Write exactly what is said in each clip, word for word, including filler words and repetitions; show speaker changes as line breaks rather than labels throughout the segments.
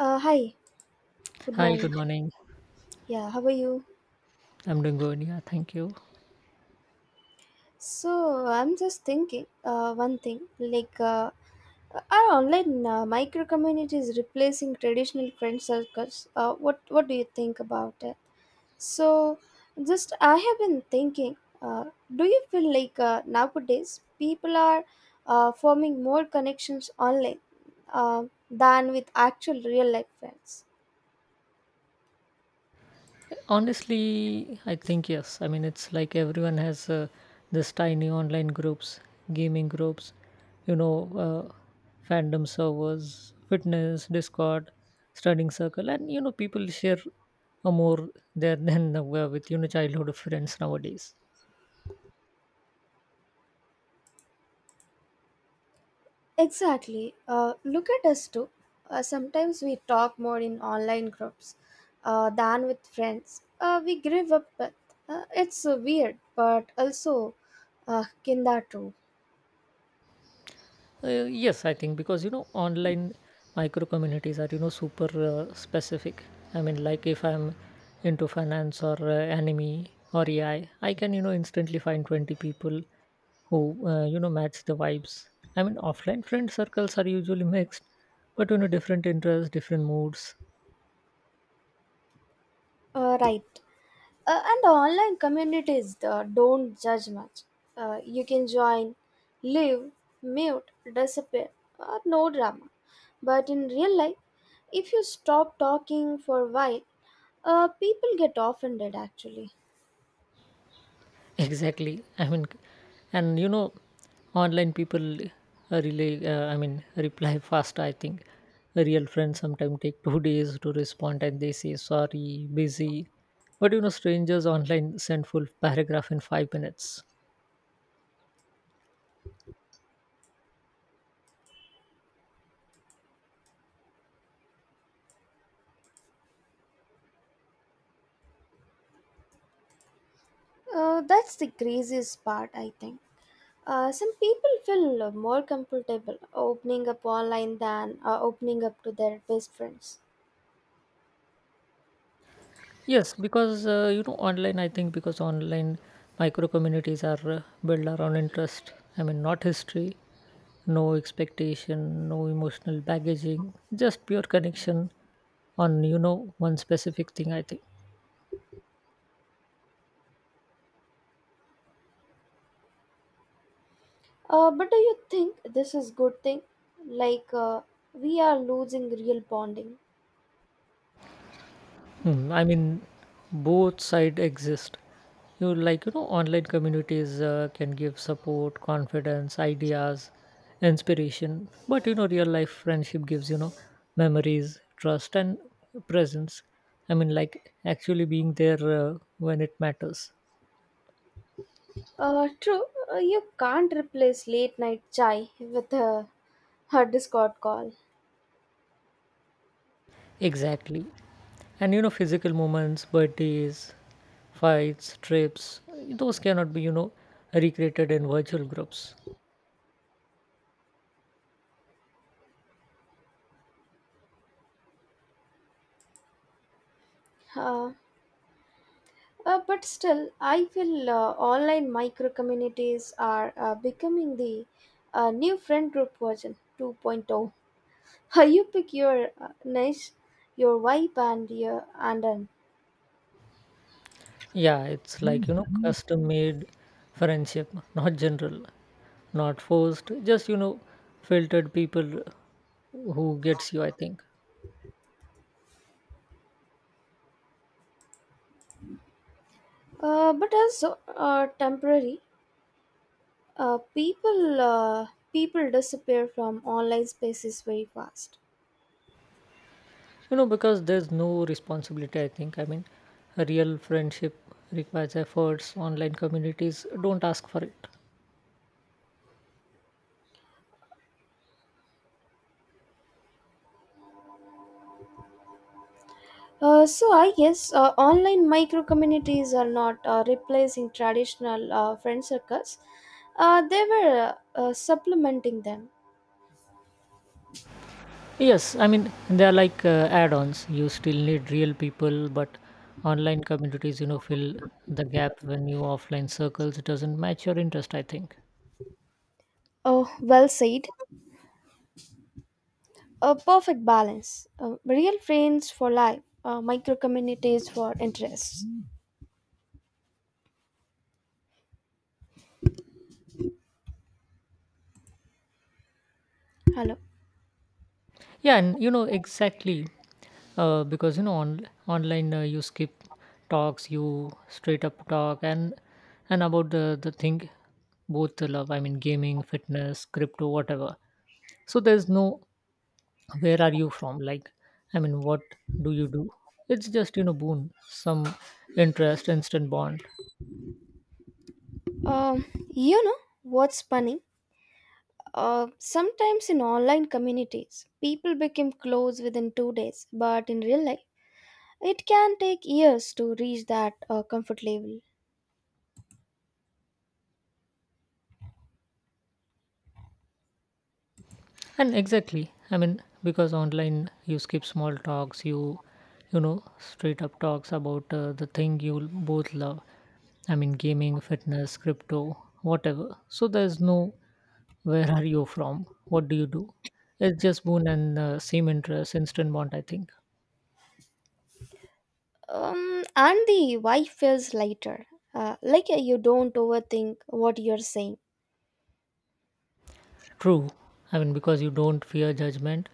Uh, hi, good
Hi,
morning.
good morning.
Yeah, how are you?
I'm doing good. Yeah, thank you.
So I'm just thinking, uh, one thing like, uh, are online uh, micro communities replacing traditional friend circles? Uh, what what do you think about it? So, just I have been thinking, uh, do you feel like uh, nowadays people are uh, forming more connections online uh, than with actual real life friends?
Honestly, I think yes. I mean, it's like everyone has uh, this tiny online groups, gaming groups, you know, uh, fandom servers, fitness, Discord, studying circle, and you know, people share uh, more there than uh, with you know childhood friends nowadays.
Exactly. Uh, look at us too. Uh, sometimes we talk more in online groups uh, than with friends Uh, we grew up with. Uh, it's uh, weird, but also uh, kinda true.
Uh, yes, I think because you know online micro communities are you know super uh, specific. I mean, like if I'm into finance or uh, anime or A I, I I can you know instantly find twenty people who uh, you know match the vibes. I mean, offline friend circles are usually mixed, but you know different interests, different moods.
Uh, right. Uh, and online communities uh, don't judge much. Uh, you can join, live, mute, disappear. Uh, no drama. But in real life, if you stop talking for a while, uh, people get offended actually.
Exactly. I mean, and you know online people uh, relay uh, I mean reply fast. I think real friends sometimes take two days to respond, and they say sorry busy. But you know strangers online send full paragraph in five minutes.
Uh, that's the craziest part, I think. Uh, some people feel more comfortable opening up online than uh, opening up to their best friends.
Yes, because uh, you know online. I think because online micro communities are uh, built around interest. I mean, not history, no expectation, no emotional baggaging, just pure connection on you know one specific thing. I think.
Uh, but do you think this is good thing? Like uh, we are losing real bonding.
Hmm, I mean, both side exist. You like, you know, online communities uh, can give support, confidence, ideas, inspiration. But you know, real life friendship gives you know memories, trust, and presence. I mean, like actually being there uh, when it matters.
Uh, true, uh, you can't replace late night chai with a, a Discord call.
Exactly. And you know, physical moments, birthdays, fights, trips, those cannot be you know recreated in virtual groups.
Uh, uh, but still, I feel uh, online micro communities are uh, becoming the uh, new friend group version 2.0. You pick your uh, nice, your vibe and your and an.
Yeah, it's like, you know, custom made friendship, not general, not forced, just, you know, filtered people who gets you, I think.
Uh, but also uh, temporary. Uh, people uh, people disappear from online spaces very fast.
You know, because there's no responsibility, I think. I mean, a real friendship requires efforts. Online communities don't ask for it.
Uh, so I guess uh, online micro communities are not uh, replacing traditional uh, friend circles. Uh, they were uh, uh, supplementing them.
Yes, I mean, they are like uh, add ons. You still need real people, but online communities, you know, fill the gap when your offline circles doesn't match your interest, I think.
Oh, well said. A perfect balance. Uh, real friends for life. Uh, micro communities for interests. Hello.
Yeah, and you know exactly uh, because you know on online uh, you skip talks, you straight up talk and and about the the thing both the love. I mean, gaming, fitness, crypto, whatever. So there's no where are you from? Like, I mean, what do you do? It's just you know boon some interest, instant bond.
Um, you know what's funny? Uh, sometimes in online communities, people become close within two days, but in real life, it can take years to reach that uh, comfort level.
And exactly. I mean, because online you skip small talks, you you know straight up talks about uh, the thing you both love. I mean, gaming, fitness, crypto, whatever. So there's no where are you from, what do you do. It's just boon, and uh, same interest, instant bond, I think.
Um, and the why feels lighter. Uh, like uh, you don't overthink what you're saying.
True. I mean, because you don't fear judgment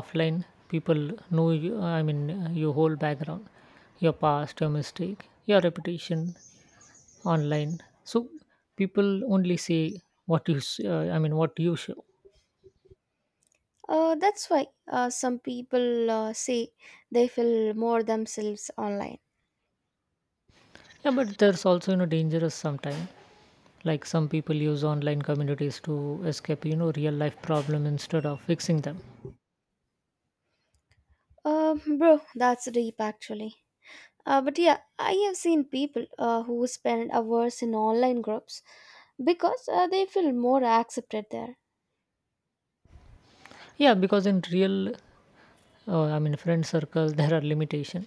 offline. People know you. I mean, uh, your whole background, your past, your mistake, your reputation online. So people only say what you s- uh, I mean what you show.
Uh, that's why uh, some people uh, say they feel more themselves online.
Yeah, but there's also you know dangerous sometimes, like some people use online communities to escape you know real life problem instead of fixing them.
Uh, bro, that's deep actually. Uh, but yeah, I have seen people uh, who spend hours in online groups because uh, they feel more accepted there.
Yeah, because in real uh, I mean friend circles there are limitation,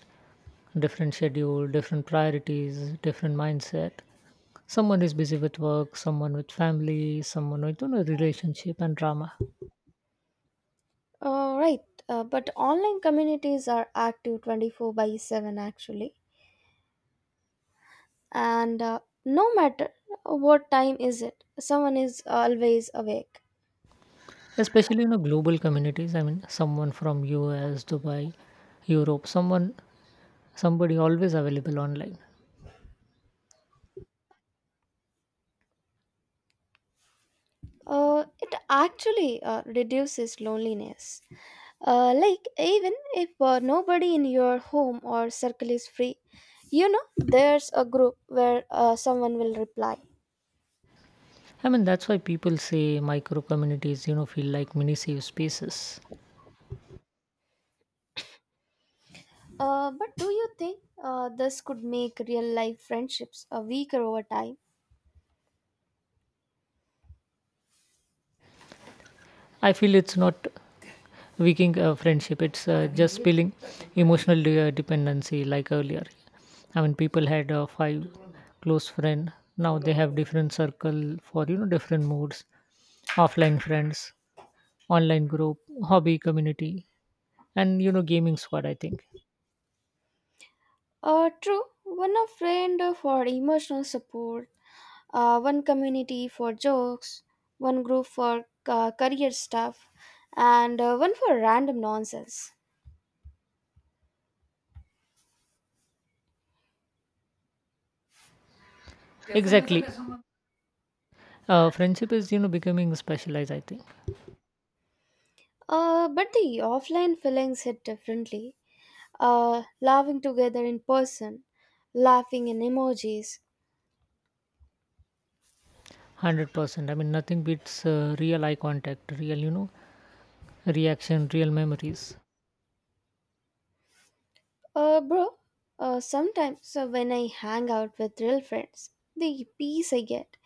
different schedule, different priorities, different mindset. Someone is busy with work, someone with family, someone with you know, relationship and drama.
Uh, right, uh, but online communities are active twenty-four by seven actually, and uh, no matter what time is it, someone is always awake.
Especially in a global communities. I mean, someone from U S, Dubai, Europe, someone, somebody always available online.
Uh, it actually uh, reduces loneliness. Uh, like, even if uh, nobody in your home or circle is free, you know, there's a group where uh, someone will reply.
I mean that's why people say micro communities you know feel like mini safe spaces.
Uh, but do you think uh, this could make real life friendships uh, weaker over time?
I feel it's not weakening a friendship. It's uh, just spilling emotional de- uh, dependency, like earlier. I mean, people had uh, five close friend. Now they have different circle for you know different moods, offline friends, online group, hobby community, and you know gaming squad, I think.
Uh, true, one a friend for emotional support, uh, one community for jokes, one group for uh, career stuff, and uh, one for random nonsense.
Exactly. Uh, friendship is you know becoming specialized, I think.
Uh, but the offline feelings hit differently. Uh, laughing together in person, laughing in emojis.
one hundred percent I mean nothing beats uh, real eye contact, real you know reaction, real memories.
Uh, bro, uh, sometimes uh, when I hang out with real friends, the peace I get,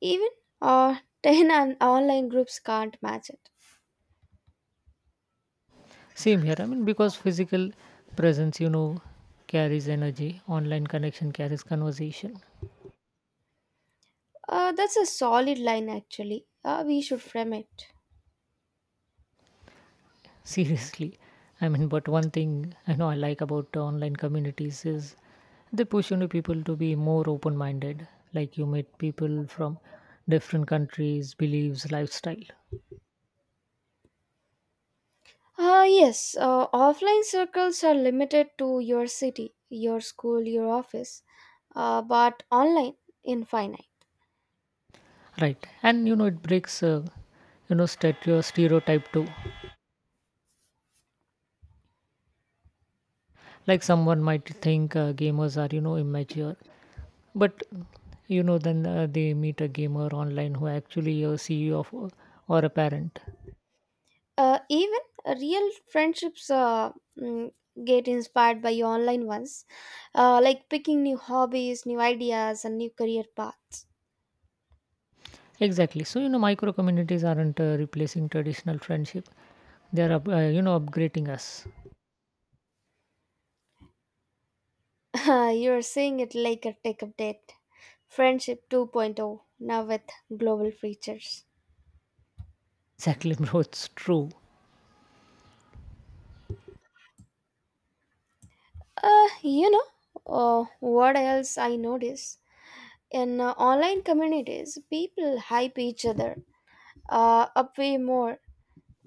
even uh, ten on- online groups can't match it.
Same here. I mean, because physical presence you know carries energy, online connection carries conversation.
Uh, that's a solid line actually. Uh, we should frame it.
Seriously, I mean, but one thing I know I like about uh, online communities is they push you know people to be more open minded. Like you meet people from different countries, beliefs, lifestyle.
Uh, yes, uh, offline circles are limited to your city, your school, your office, uh, but online, infinite.
Right. And you know, it breaks, uh, you know, stereo- stereotype too. Like someone might think uh, gamers are, you know, immature. But, you know, then uh, they meet a gamer online who actually a C E O of, uh, or a parent.
Uh, even real friendships uh, mm, get inspired by online ones, uh, like picking new hobbies, new ideas, and new career paths.
Exactly. So, you know, micro communities aren't uh, replacing traditional friendship, they're, up- uh, you know, upgrading us.
You're seeing it like a tech update. Friendship 2.0, now with global features.
Exactly, bro. It's true.
Uh, you know, uh, what else I notice? In uh, online communities, people hype each other uh, up way more.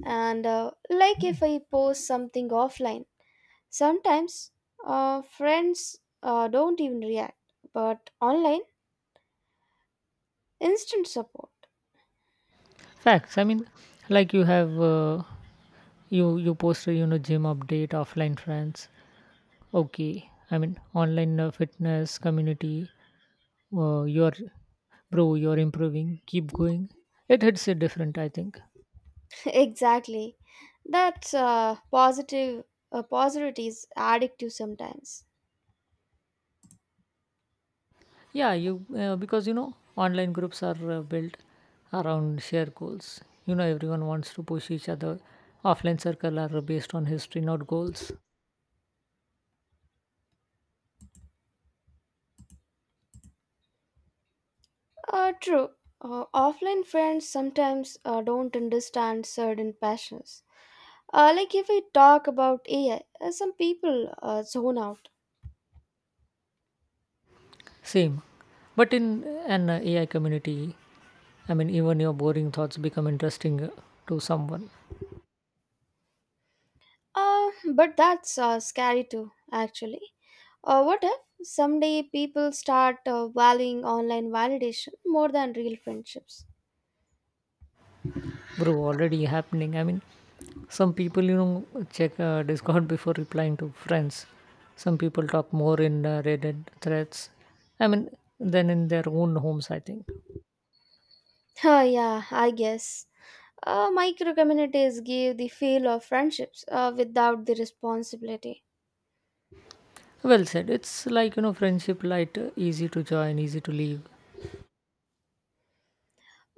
And uh, like if I post something offline, sometimes uh, friends uh, don't even react, but online, instant support.
Facts. I mean, like you have. Uh, you you post a you know gym update offline friends. Okay, I mean online uh, fitness community. Uh, you're Bro, you're improving. Keep going. It hits it different, I think.
Exactly. That's uh, positive. Uh, positivity is addictive sometimes.
Yeah, you uh, because you know online groups are uh, built around shared goals. You know everyone wants to push each other. Offline circle are based on history, not goals.
Uh, true. Uh, offline friends sometimes uh, don't understand certain passions. Uh, like if we talk about A I, uh, some people uh, zone out.
Same, but in an A I community, I mean even your boring thoughts become interesting uh, to someone.
Uh, but that's uh, scary too, actually. Or what if someday people start uh, valuing online validation more than real friendships?
Bro, already happening. I mean, some people you know check uh, Discord before replying to friends. Some people talk more in uh, Reddit threads, I mean, than in their own homes, I think.
Huh, yeah, I guess. Uh, micro communities give the feel of friendships uh, without the responsibility.
Well said. It's like you know friendship light, uh, easy to join, easy to leave.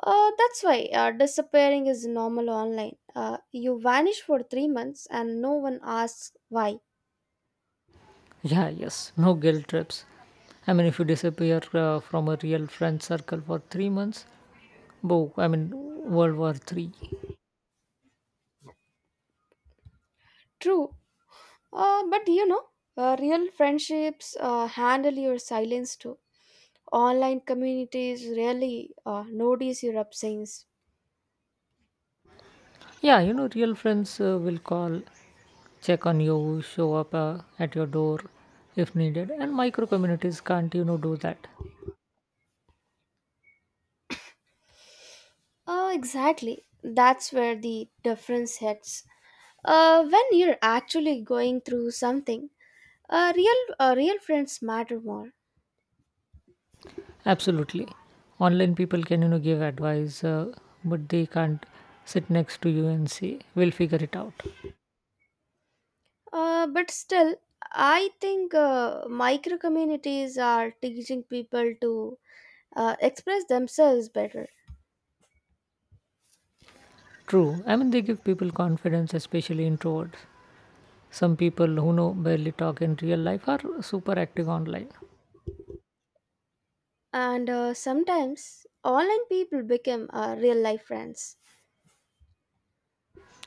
Uh, that's why uh, disappearing is normal online. Uh, you vanish for three months and no one asks why.
Yeah, yes, no guilt trips. I mean, if you disappear uh, from a real friend circle for three months, bo I mean, World War three.
True, Uh, but you know, uh, real friendships uh, handle your silence too. Online communities really uh, notice your absence.
Yeah, you know real friends uh, will call, check on you, show up uh, at your door if needed. And micro communities can't, you know, do that.
Uh, exactly. That's where the difference hits. Uh, when you're actually going through something, uh, real uh, real friends matter more.
Absolutely. Online people can, you know, give advice, uh, but they can't sit next to you and say, we'll figure it out.
Uh, but still, I think uh, micro communities are teaching people to uh, express themselves better.
True. I mean, they give people confidence, especially introverts. Some people who know barely talk in real life are super active online.
And uh, sometimes online people become uh, real life friends.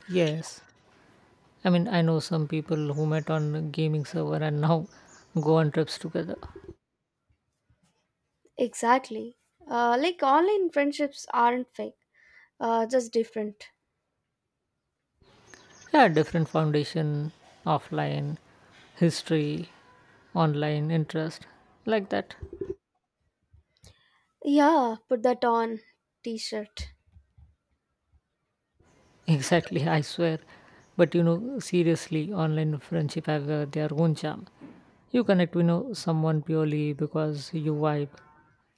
Yes. I mean, I know some people who met on a gaming server and now go on trips together.
Exactly. Uh, like online friendships aren't fake, uh, just different.
Yeah, different foundation, offline, history, online interest, like that.
Yeah, put that on t shirt.
Exactly, I swear. But you know, seriously, online friendship have uh, their own charm. You connect, you know, someone purely because you vibe,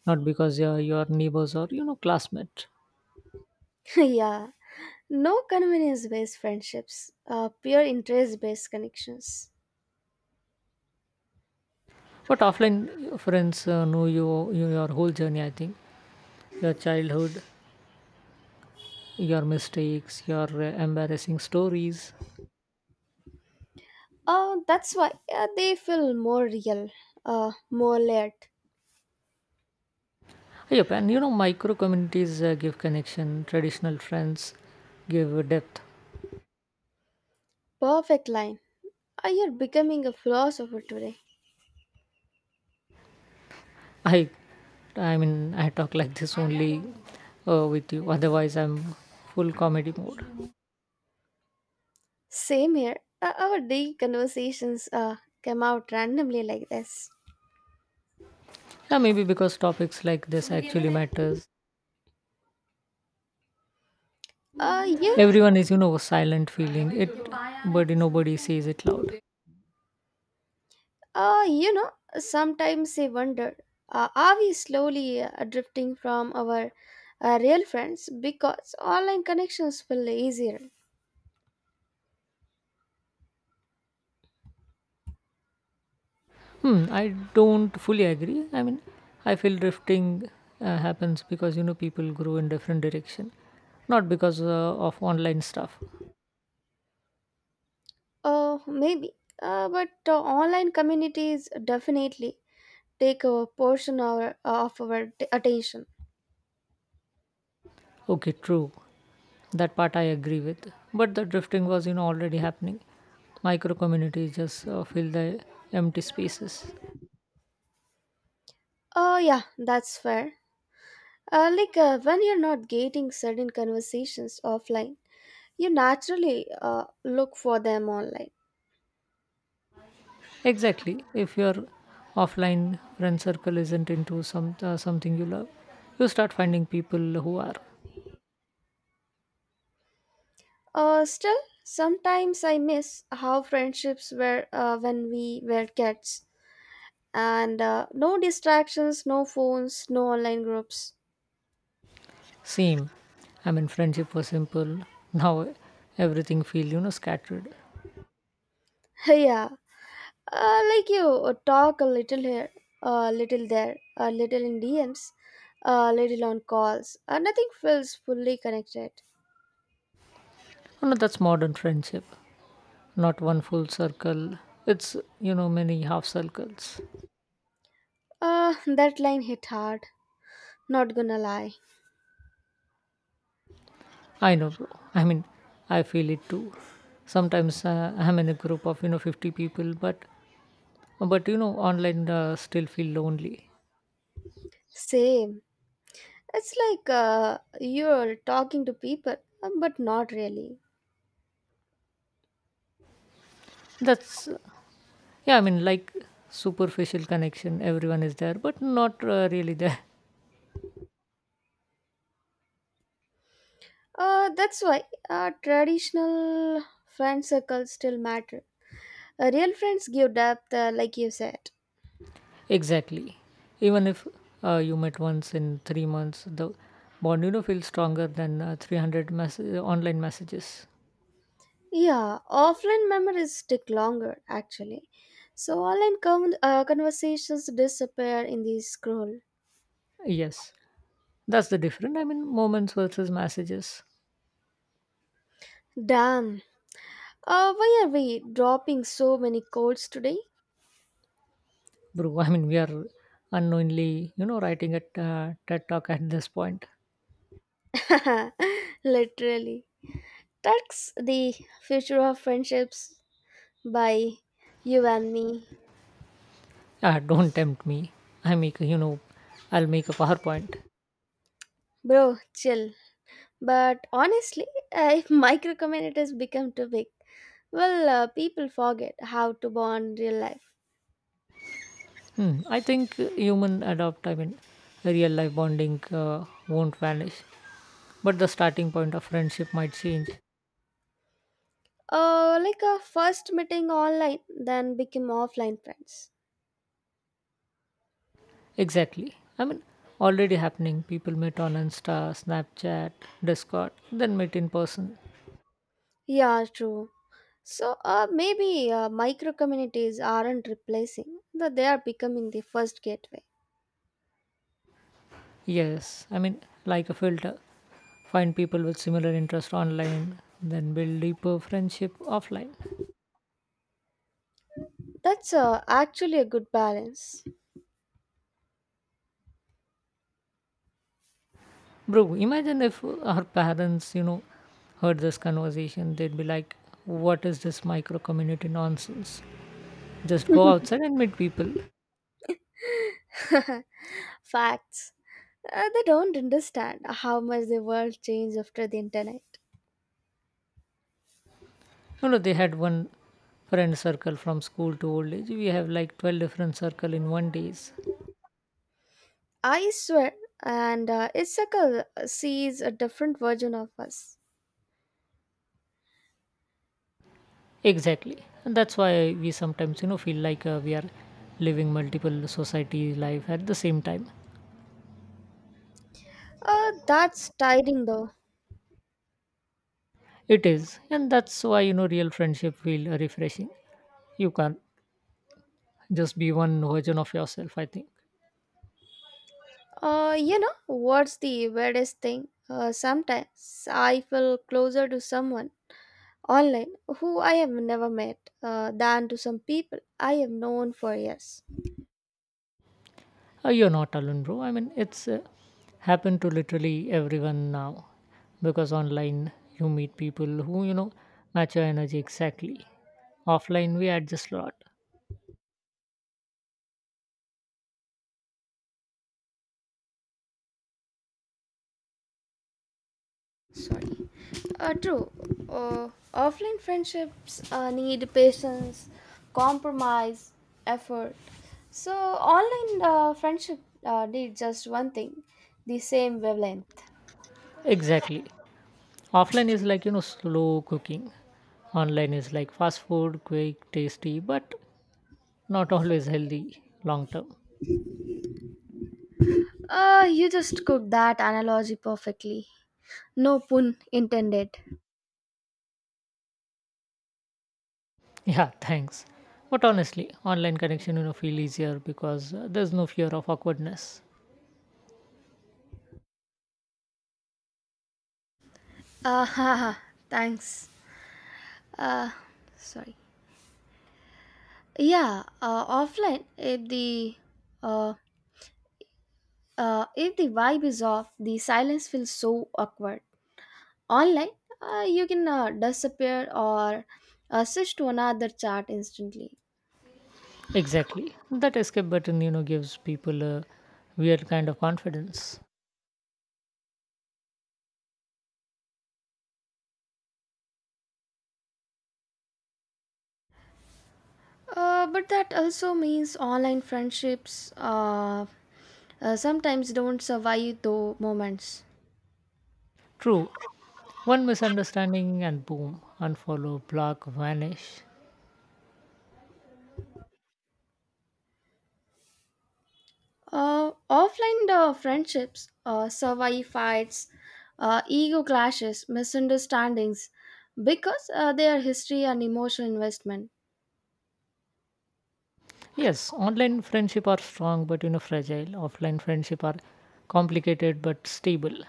not because you're your neighbors or you know classmate.
Yeah. No convenience based friendships, uh, pure interest based connections.
But offline friends uh, know you, you your whole journey. I think your childhood, your mistakes, your uh, embarrassing stories.
Uh, that's why uh, they feel more real, uh, more layered.
Yep, and you know, micro communities uh, give connection. Traditional friends give depth.
Perfect line. Uh, you're becoming a philosopher today.
I, I mean, I talk like this only uh, with you. Otherwise, I'm full comedy mode.
Same here. Uh, our daily conversations uh, come out randomly like this.
Yeah, maybe because topics like this actually matters.
Uh, yeah,
Everyone is, you know, silent feeling it, but nobody says it loud.
uh, you know, sometimes I wonder uh, are we slowly uh, drifting from our uh, real friends because online connections feel easier?
Hmm, I don't fully agree. I mean, I feel drifting uh, happens because you know people grow in different direction, not because uh, of online stuff.
Uh, maybe. Uh, but uh, online communities definitely take a portion of our, uh, of our t- attention.
Okay, true. That part I agree with. But the drifting was, you know, already happening. Micro communities just uh, fill the empty spaces.
Oh, yeah, that's fair. Uh, like uh, when you're not getting certain conversations offline, you naturally uh, look for them online.
Exactly. If your offline friend circle isn't into some uh, something you love, you start finding people who are.
Uh, still, sometimes I miss how friendships were uh, when we were kids. And uh, no distractions, no phones, no online groups.
Same. I mean, friendship was simple. Now everything feel you know scattered.
Yeah, uh, like you uh, talk a little here, a little there, a little in D Ms, a little on calls. Uh, nothing feels fully connected.
You know, that's modern friendship. Not one full circle. It's you know many half circles.
Uh, that line hit hard. Not gonna lie.
I know, bro. I mean, I feel it too. Sometimes uh, I'm in a group of you know fifty people, but but you know online uh, still feel lonely.
Same. It's like uh, you're talking to people, um, but not really.
That's uh, Yeah. I mean, like superficial connection. Everyone is there, but not uh, really there.
Uh, that's why uh, traditional friend circles still matter. Uh, real friends give depth, uh, like you said.
Exactly. Even if uh, you met once in three months, the bond you know feels stronger than uh, three hundred mess- online messages.
Yeah, offline memories stick longer, actually. So online com- uh, conversations disappear in the scroll.
Yes, that's the difference. I mean, moments versus messages.
Damn. Uh, why are we dropping so many codes today?
Bro, I mean, we are unknowingly, you know, writing a t- uh, TED talk at this point.
Literally. That's the future of friendships by you and me.
Ah, don't tempt me. I make, a- you know, I'll make a PowerPoint.
Bro, chill. But honestly, uh, if micro communities become too big, well, uh, people forget how to bond real life.
Hmm. I think human adopt, I mean, real life bonding uh, won't vanish, but the starting point of friendship might change.
Uh, like a first meeting online, then become offline friends.
Exactly. I mean, already happening. People meet on Insta, Snapchat, Discord, then meet in person.
Yeah, true. So uh, maybe uh, micro communities aren't replacing, that they are becoming the first gateway.
Yes, I mean, like a filter. Find people with similar interest online, then build deeper friendship offline.
That's uh, actually a good balance.
Bro, imagine if our parents you know heard this conversation, they'd be like, what is this micro community nonsense, just go outside and meet people. You
Facts. Uh, they don't understand how much the world changed after the internet.
know they had one friend circle from school to old age. We have like twelve different circle in one days.
I swear, and uh, each sees a different version of us.
Exactly, and that's why we sometimes you know feel like uh, we are living multiple society life at the same time.
Uh, that's tiring though.
It is, and that's why you know real friendship feel refreshing. You can't just be one version of yourself, I think.
Uh, you know, what's the weirdest thing? Uh, sometimes I feel closer to someone online who I have never met uh, than to some people I have known for years.
Uh, you're not alone, bro. I mean, it's uh, happened to literally everyone now, because online you meet people who you know match your energy exactly. Offline we adjust a lot.
Sorry. Uh, true, uh, offline friendships uh, need patience, compromise, effort. so online uh, friendship uh, need just one thing, the same wavelength.
Exactly. Offline is like you know slow cooking. Online is like fast food, quick, tasty, but not always healthy long term.
Uh, you just cooked that analogy perfectly, no pun intended.
Yeah, thanks. But honestly, online connection you know feel easier because uh, there's no fear of awkwardness.
Uh, haha, thanks. uh, Sorry. Yeah, uh, offline if the uh, uh, if the vibe is off, the silence feels so awkward. Online, uh, you can uh, disappear or uh, switch to another chat instantly.
Exactly. That escape button you know gives people a weird kind of confidence.
Uh, but that also means online friendships uh, uh, sometimes don't survive those moments.
True. One misunderstanding and boom, unfollow, block, vanish.
Uh, offline uh, friendships uh, survive fights, uh, ego clashes, misunderstandings because uh, they are history and emotional investment.
Yes, online friendship are strong but you know fragile. Offline friendship are complicated but stable.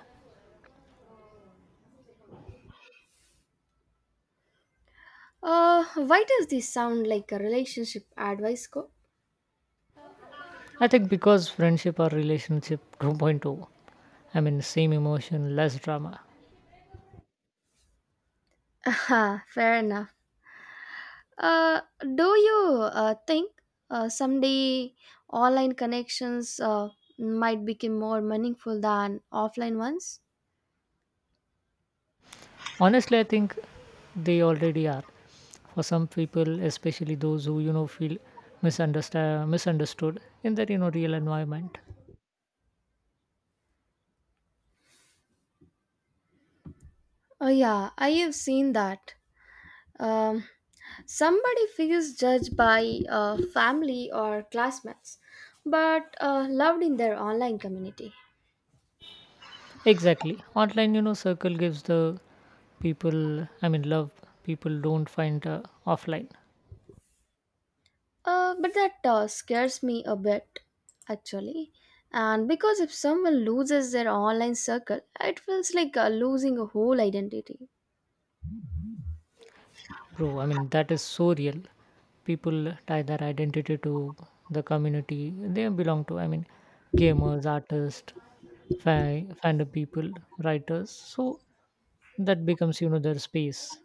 Uh, why does this sound like a relationship advice code?
I think because friendship are relationship 2.0. I mean same emotion, less drama.
Fair enough. Uh, do you uh, think uh, someday online connections uh, might become more meaningful than offline ones?
Honestly, I think they already are. For some people, especially those who you know feel misunderstand misunderstood in their you know real environment.
Oh, yeah, I have seen that. Um, Somebody feels judged by uh, family or classmates, but uh, loved in their online community.
Exactly. Online you know circle gives the people, I mean love people don't find uh, offline.
Uh, but that uh, scares me a bit, actually. And Because if someone loses their online circle, it feels like uh, losing a whole identity.
Bro, I mean that is so real. People tie their identity to the community they belong to. I mean gamers, artists, fa- fandom people, writers. So that becomes you know their space.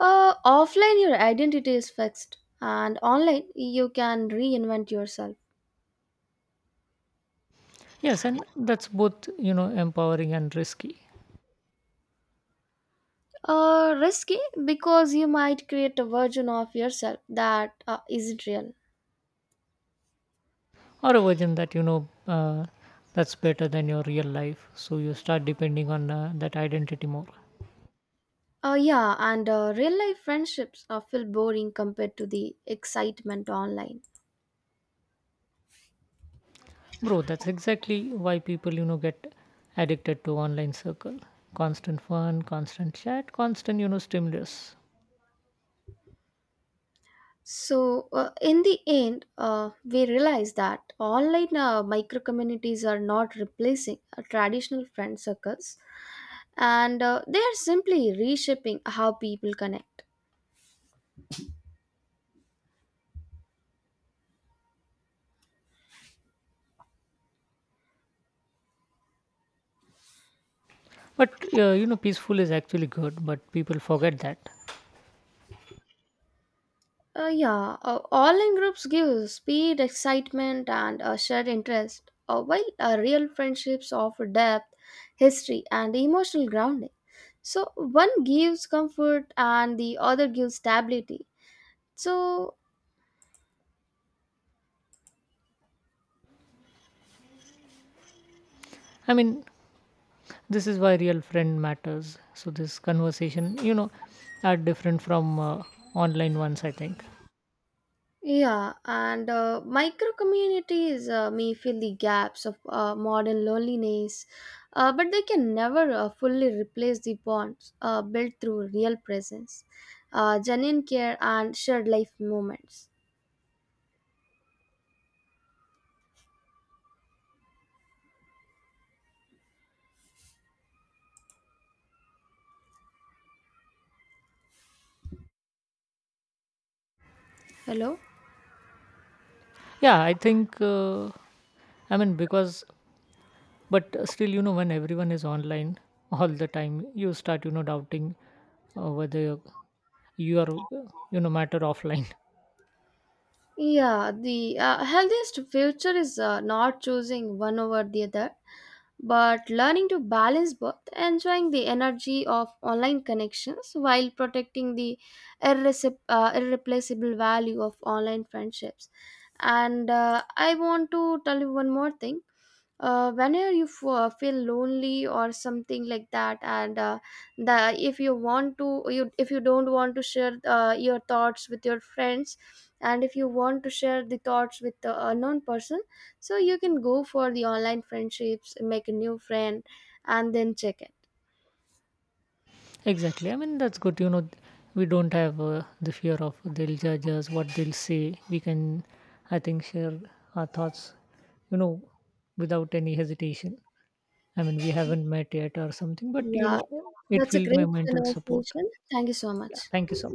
Uh, offline, your identity is fixed, and online, you can reinvent yourself.
Yes, and that's both you know empowering and risky.
Uh, risky because you might create a version of yourself that uh, isn't real.
Or a version that you know uh, that's better than your real life, so you start depending on uh, that identity more.
Uh, yeah, and uh, real life friendships uh, feel boring compared to the excitement online.
Bro, that's exactly why people you know get addicted to online circle. Constant fun, constant chat, constant you know stimulus.
So, uh, in the end, uh, we realize that online uh, micro communities are not replacing uh, traditional friend circles and uh, they are simply reshaping how people connect.
But uh, you know peaceful is actually good, but people forget that.
Uh, yeah, uh, online groups give speed, excitement, and a shared interest, uh, while uh, real friendships offer depth, history, and emotional grounding. So, one gives comfort and the other gives stability. So,
I mean, this is why real friend matters. So this conversation, you know, are different from uh, online ones. I think.
yeah, and uh, micro communities uh, may fill the gaps of uh, modern loneliness, uh, but they can never uh, fully replace the bonds uh, built through real presence, uh, genuine care, and shared life moments. Hello?
Yeah, I think, uh, I mean, because, but still, you know, when everyone is online all the time, you start, you know, doubting uh, whether you are, uh, you know, matter offline.
Yeah, the uh, healthiest future is uh, not choosing one over the other, but learning to balance both, enjoying the energy of online connections while protecting the irrecip- uh, irreplaceable value of online friendships. And uh, I want to tell you one more thing. Uh, whenever you f- uh, feel lonely or something like that, and uh, the if you want to, you if you don't want to share uh, your thoughts with your friends, and if you want to share the thoughts with the unknown person, so you can go for the online friendships, make a new friend and then check it.
Exactly. I mean, that's good. You know, we don't have uh, the fear of they'll judge us, what they'll say. We can, I think, share our thoughts, you know, without any hesitation. I mean, we haven't met yet or something, but, you
Yeah,
know, it
that's a
will my
great
mental support.
conversation, thank you so much.
Yeah. Thank you so much.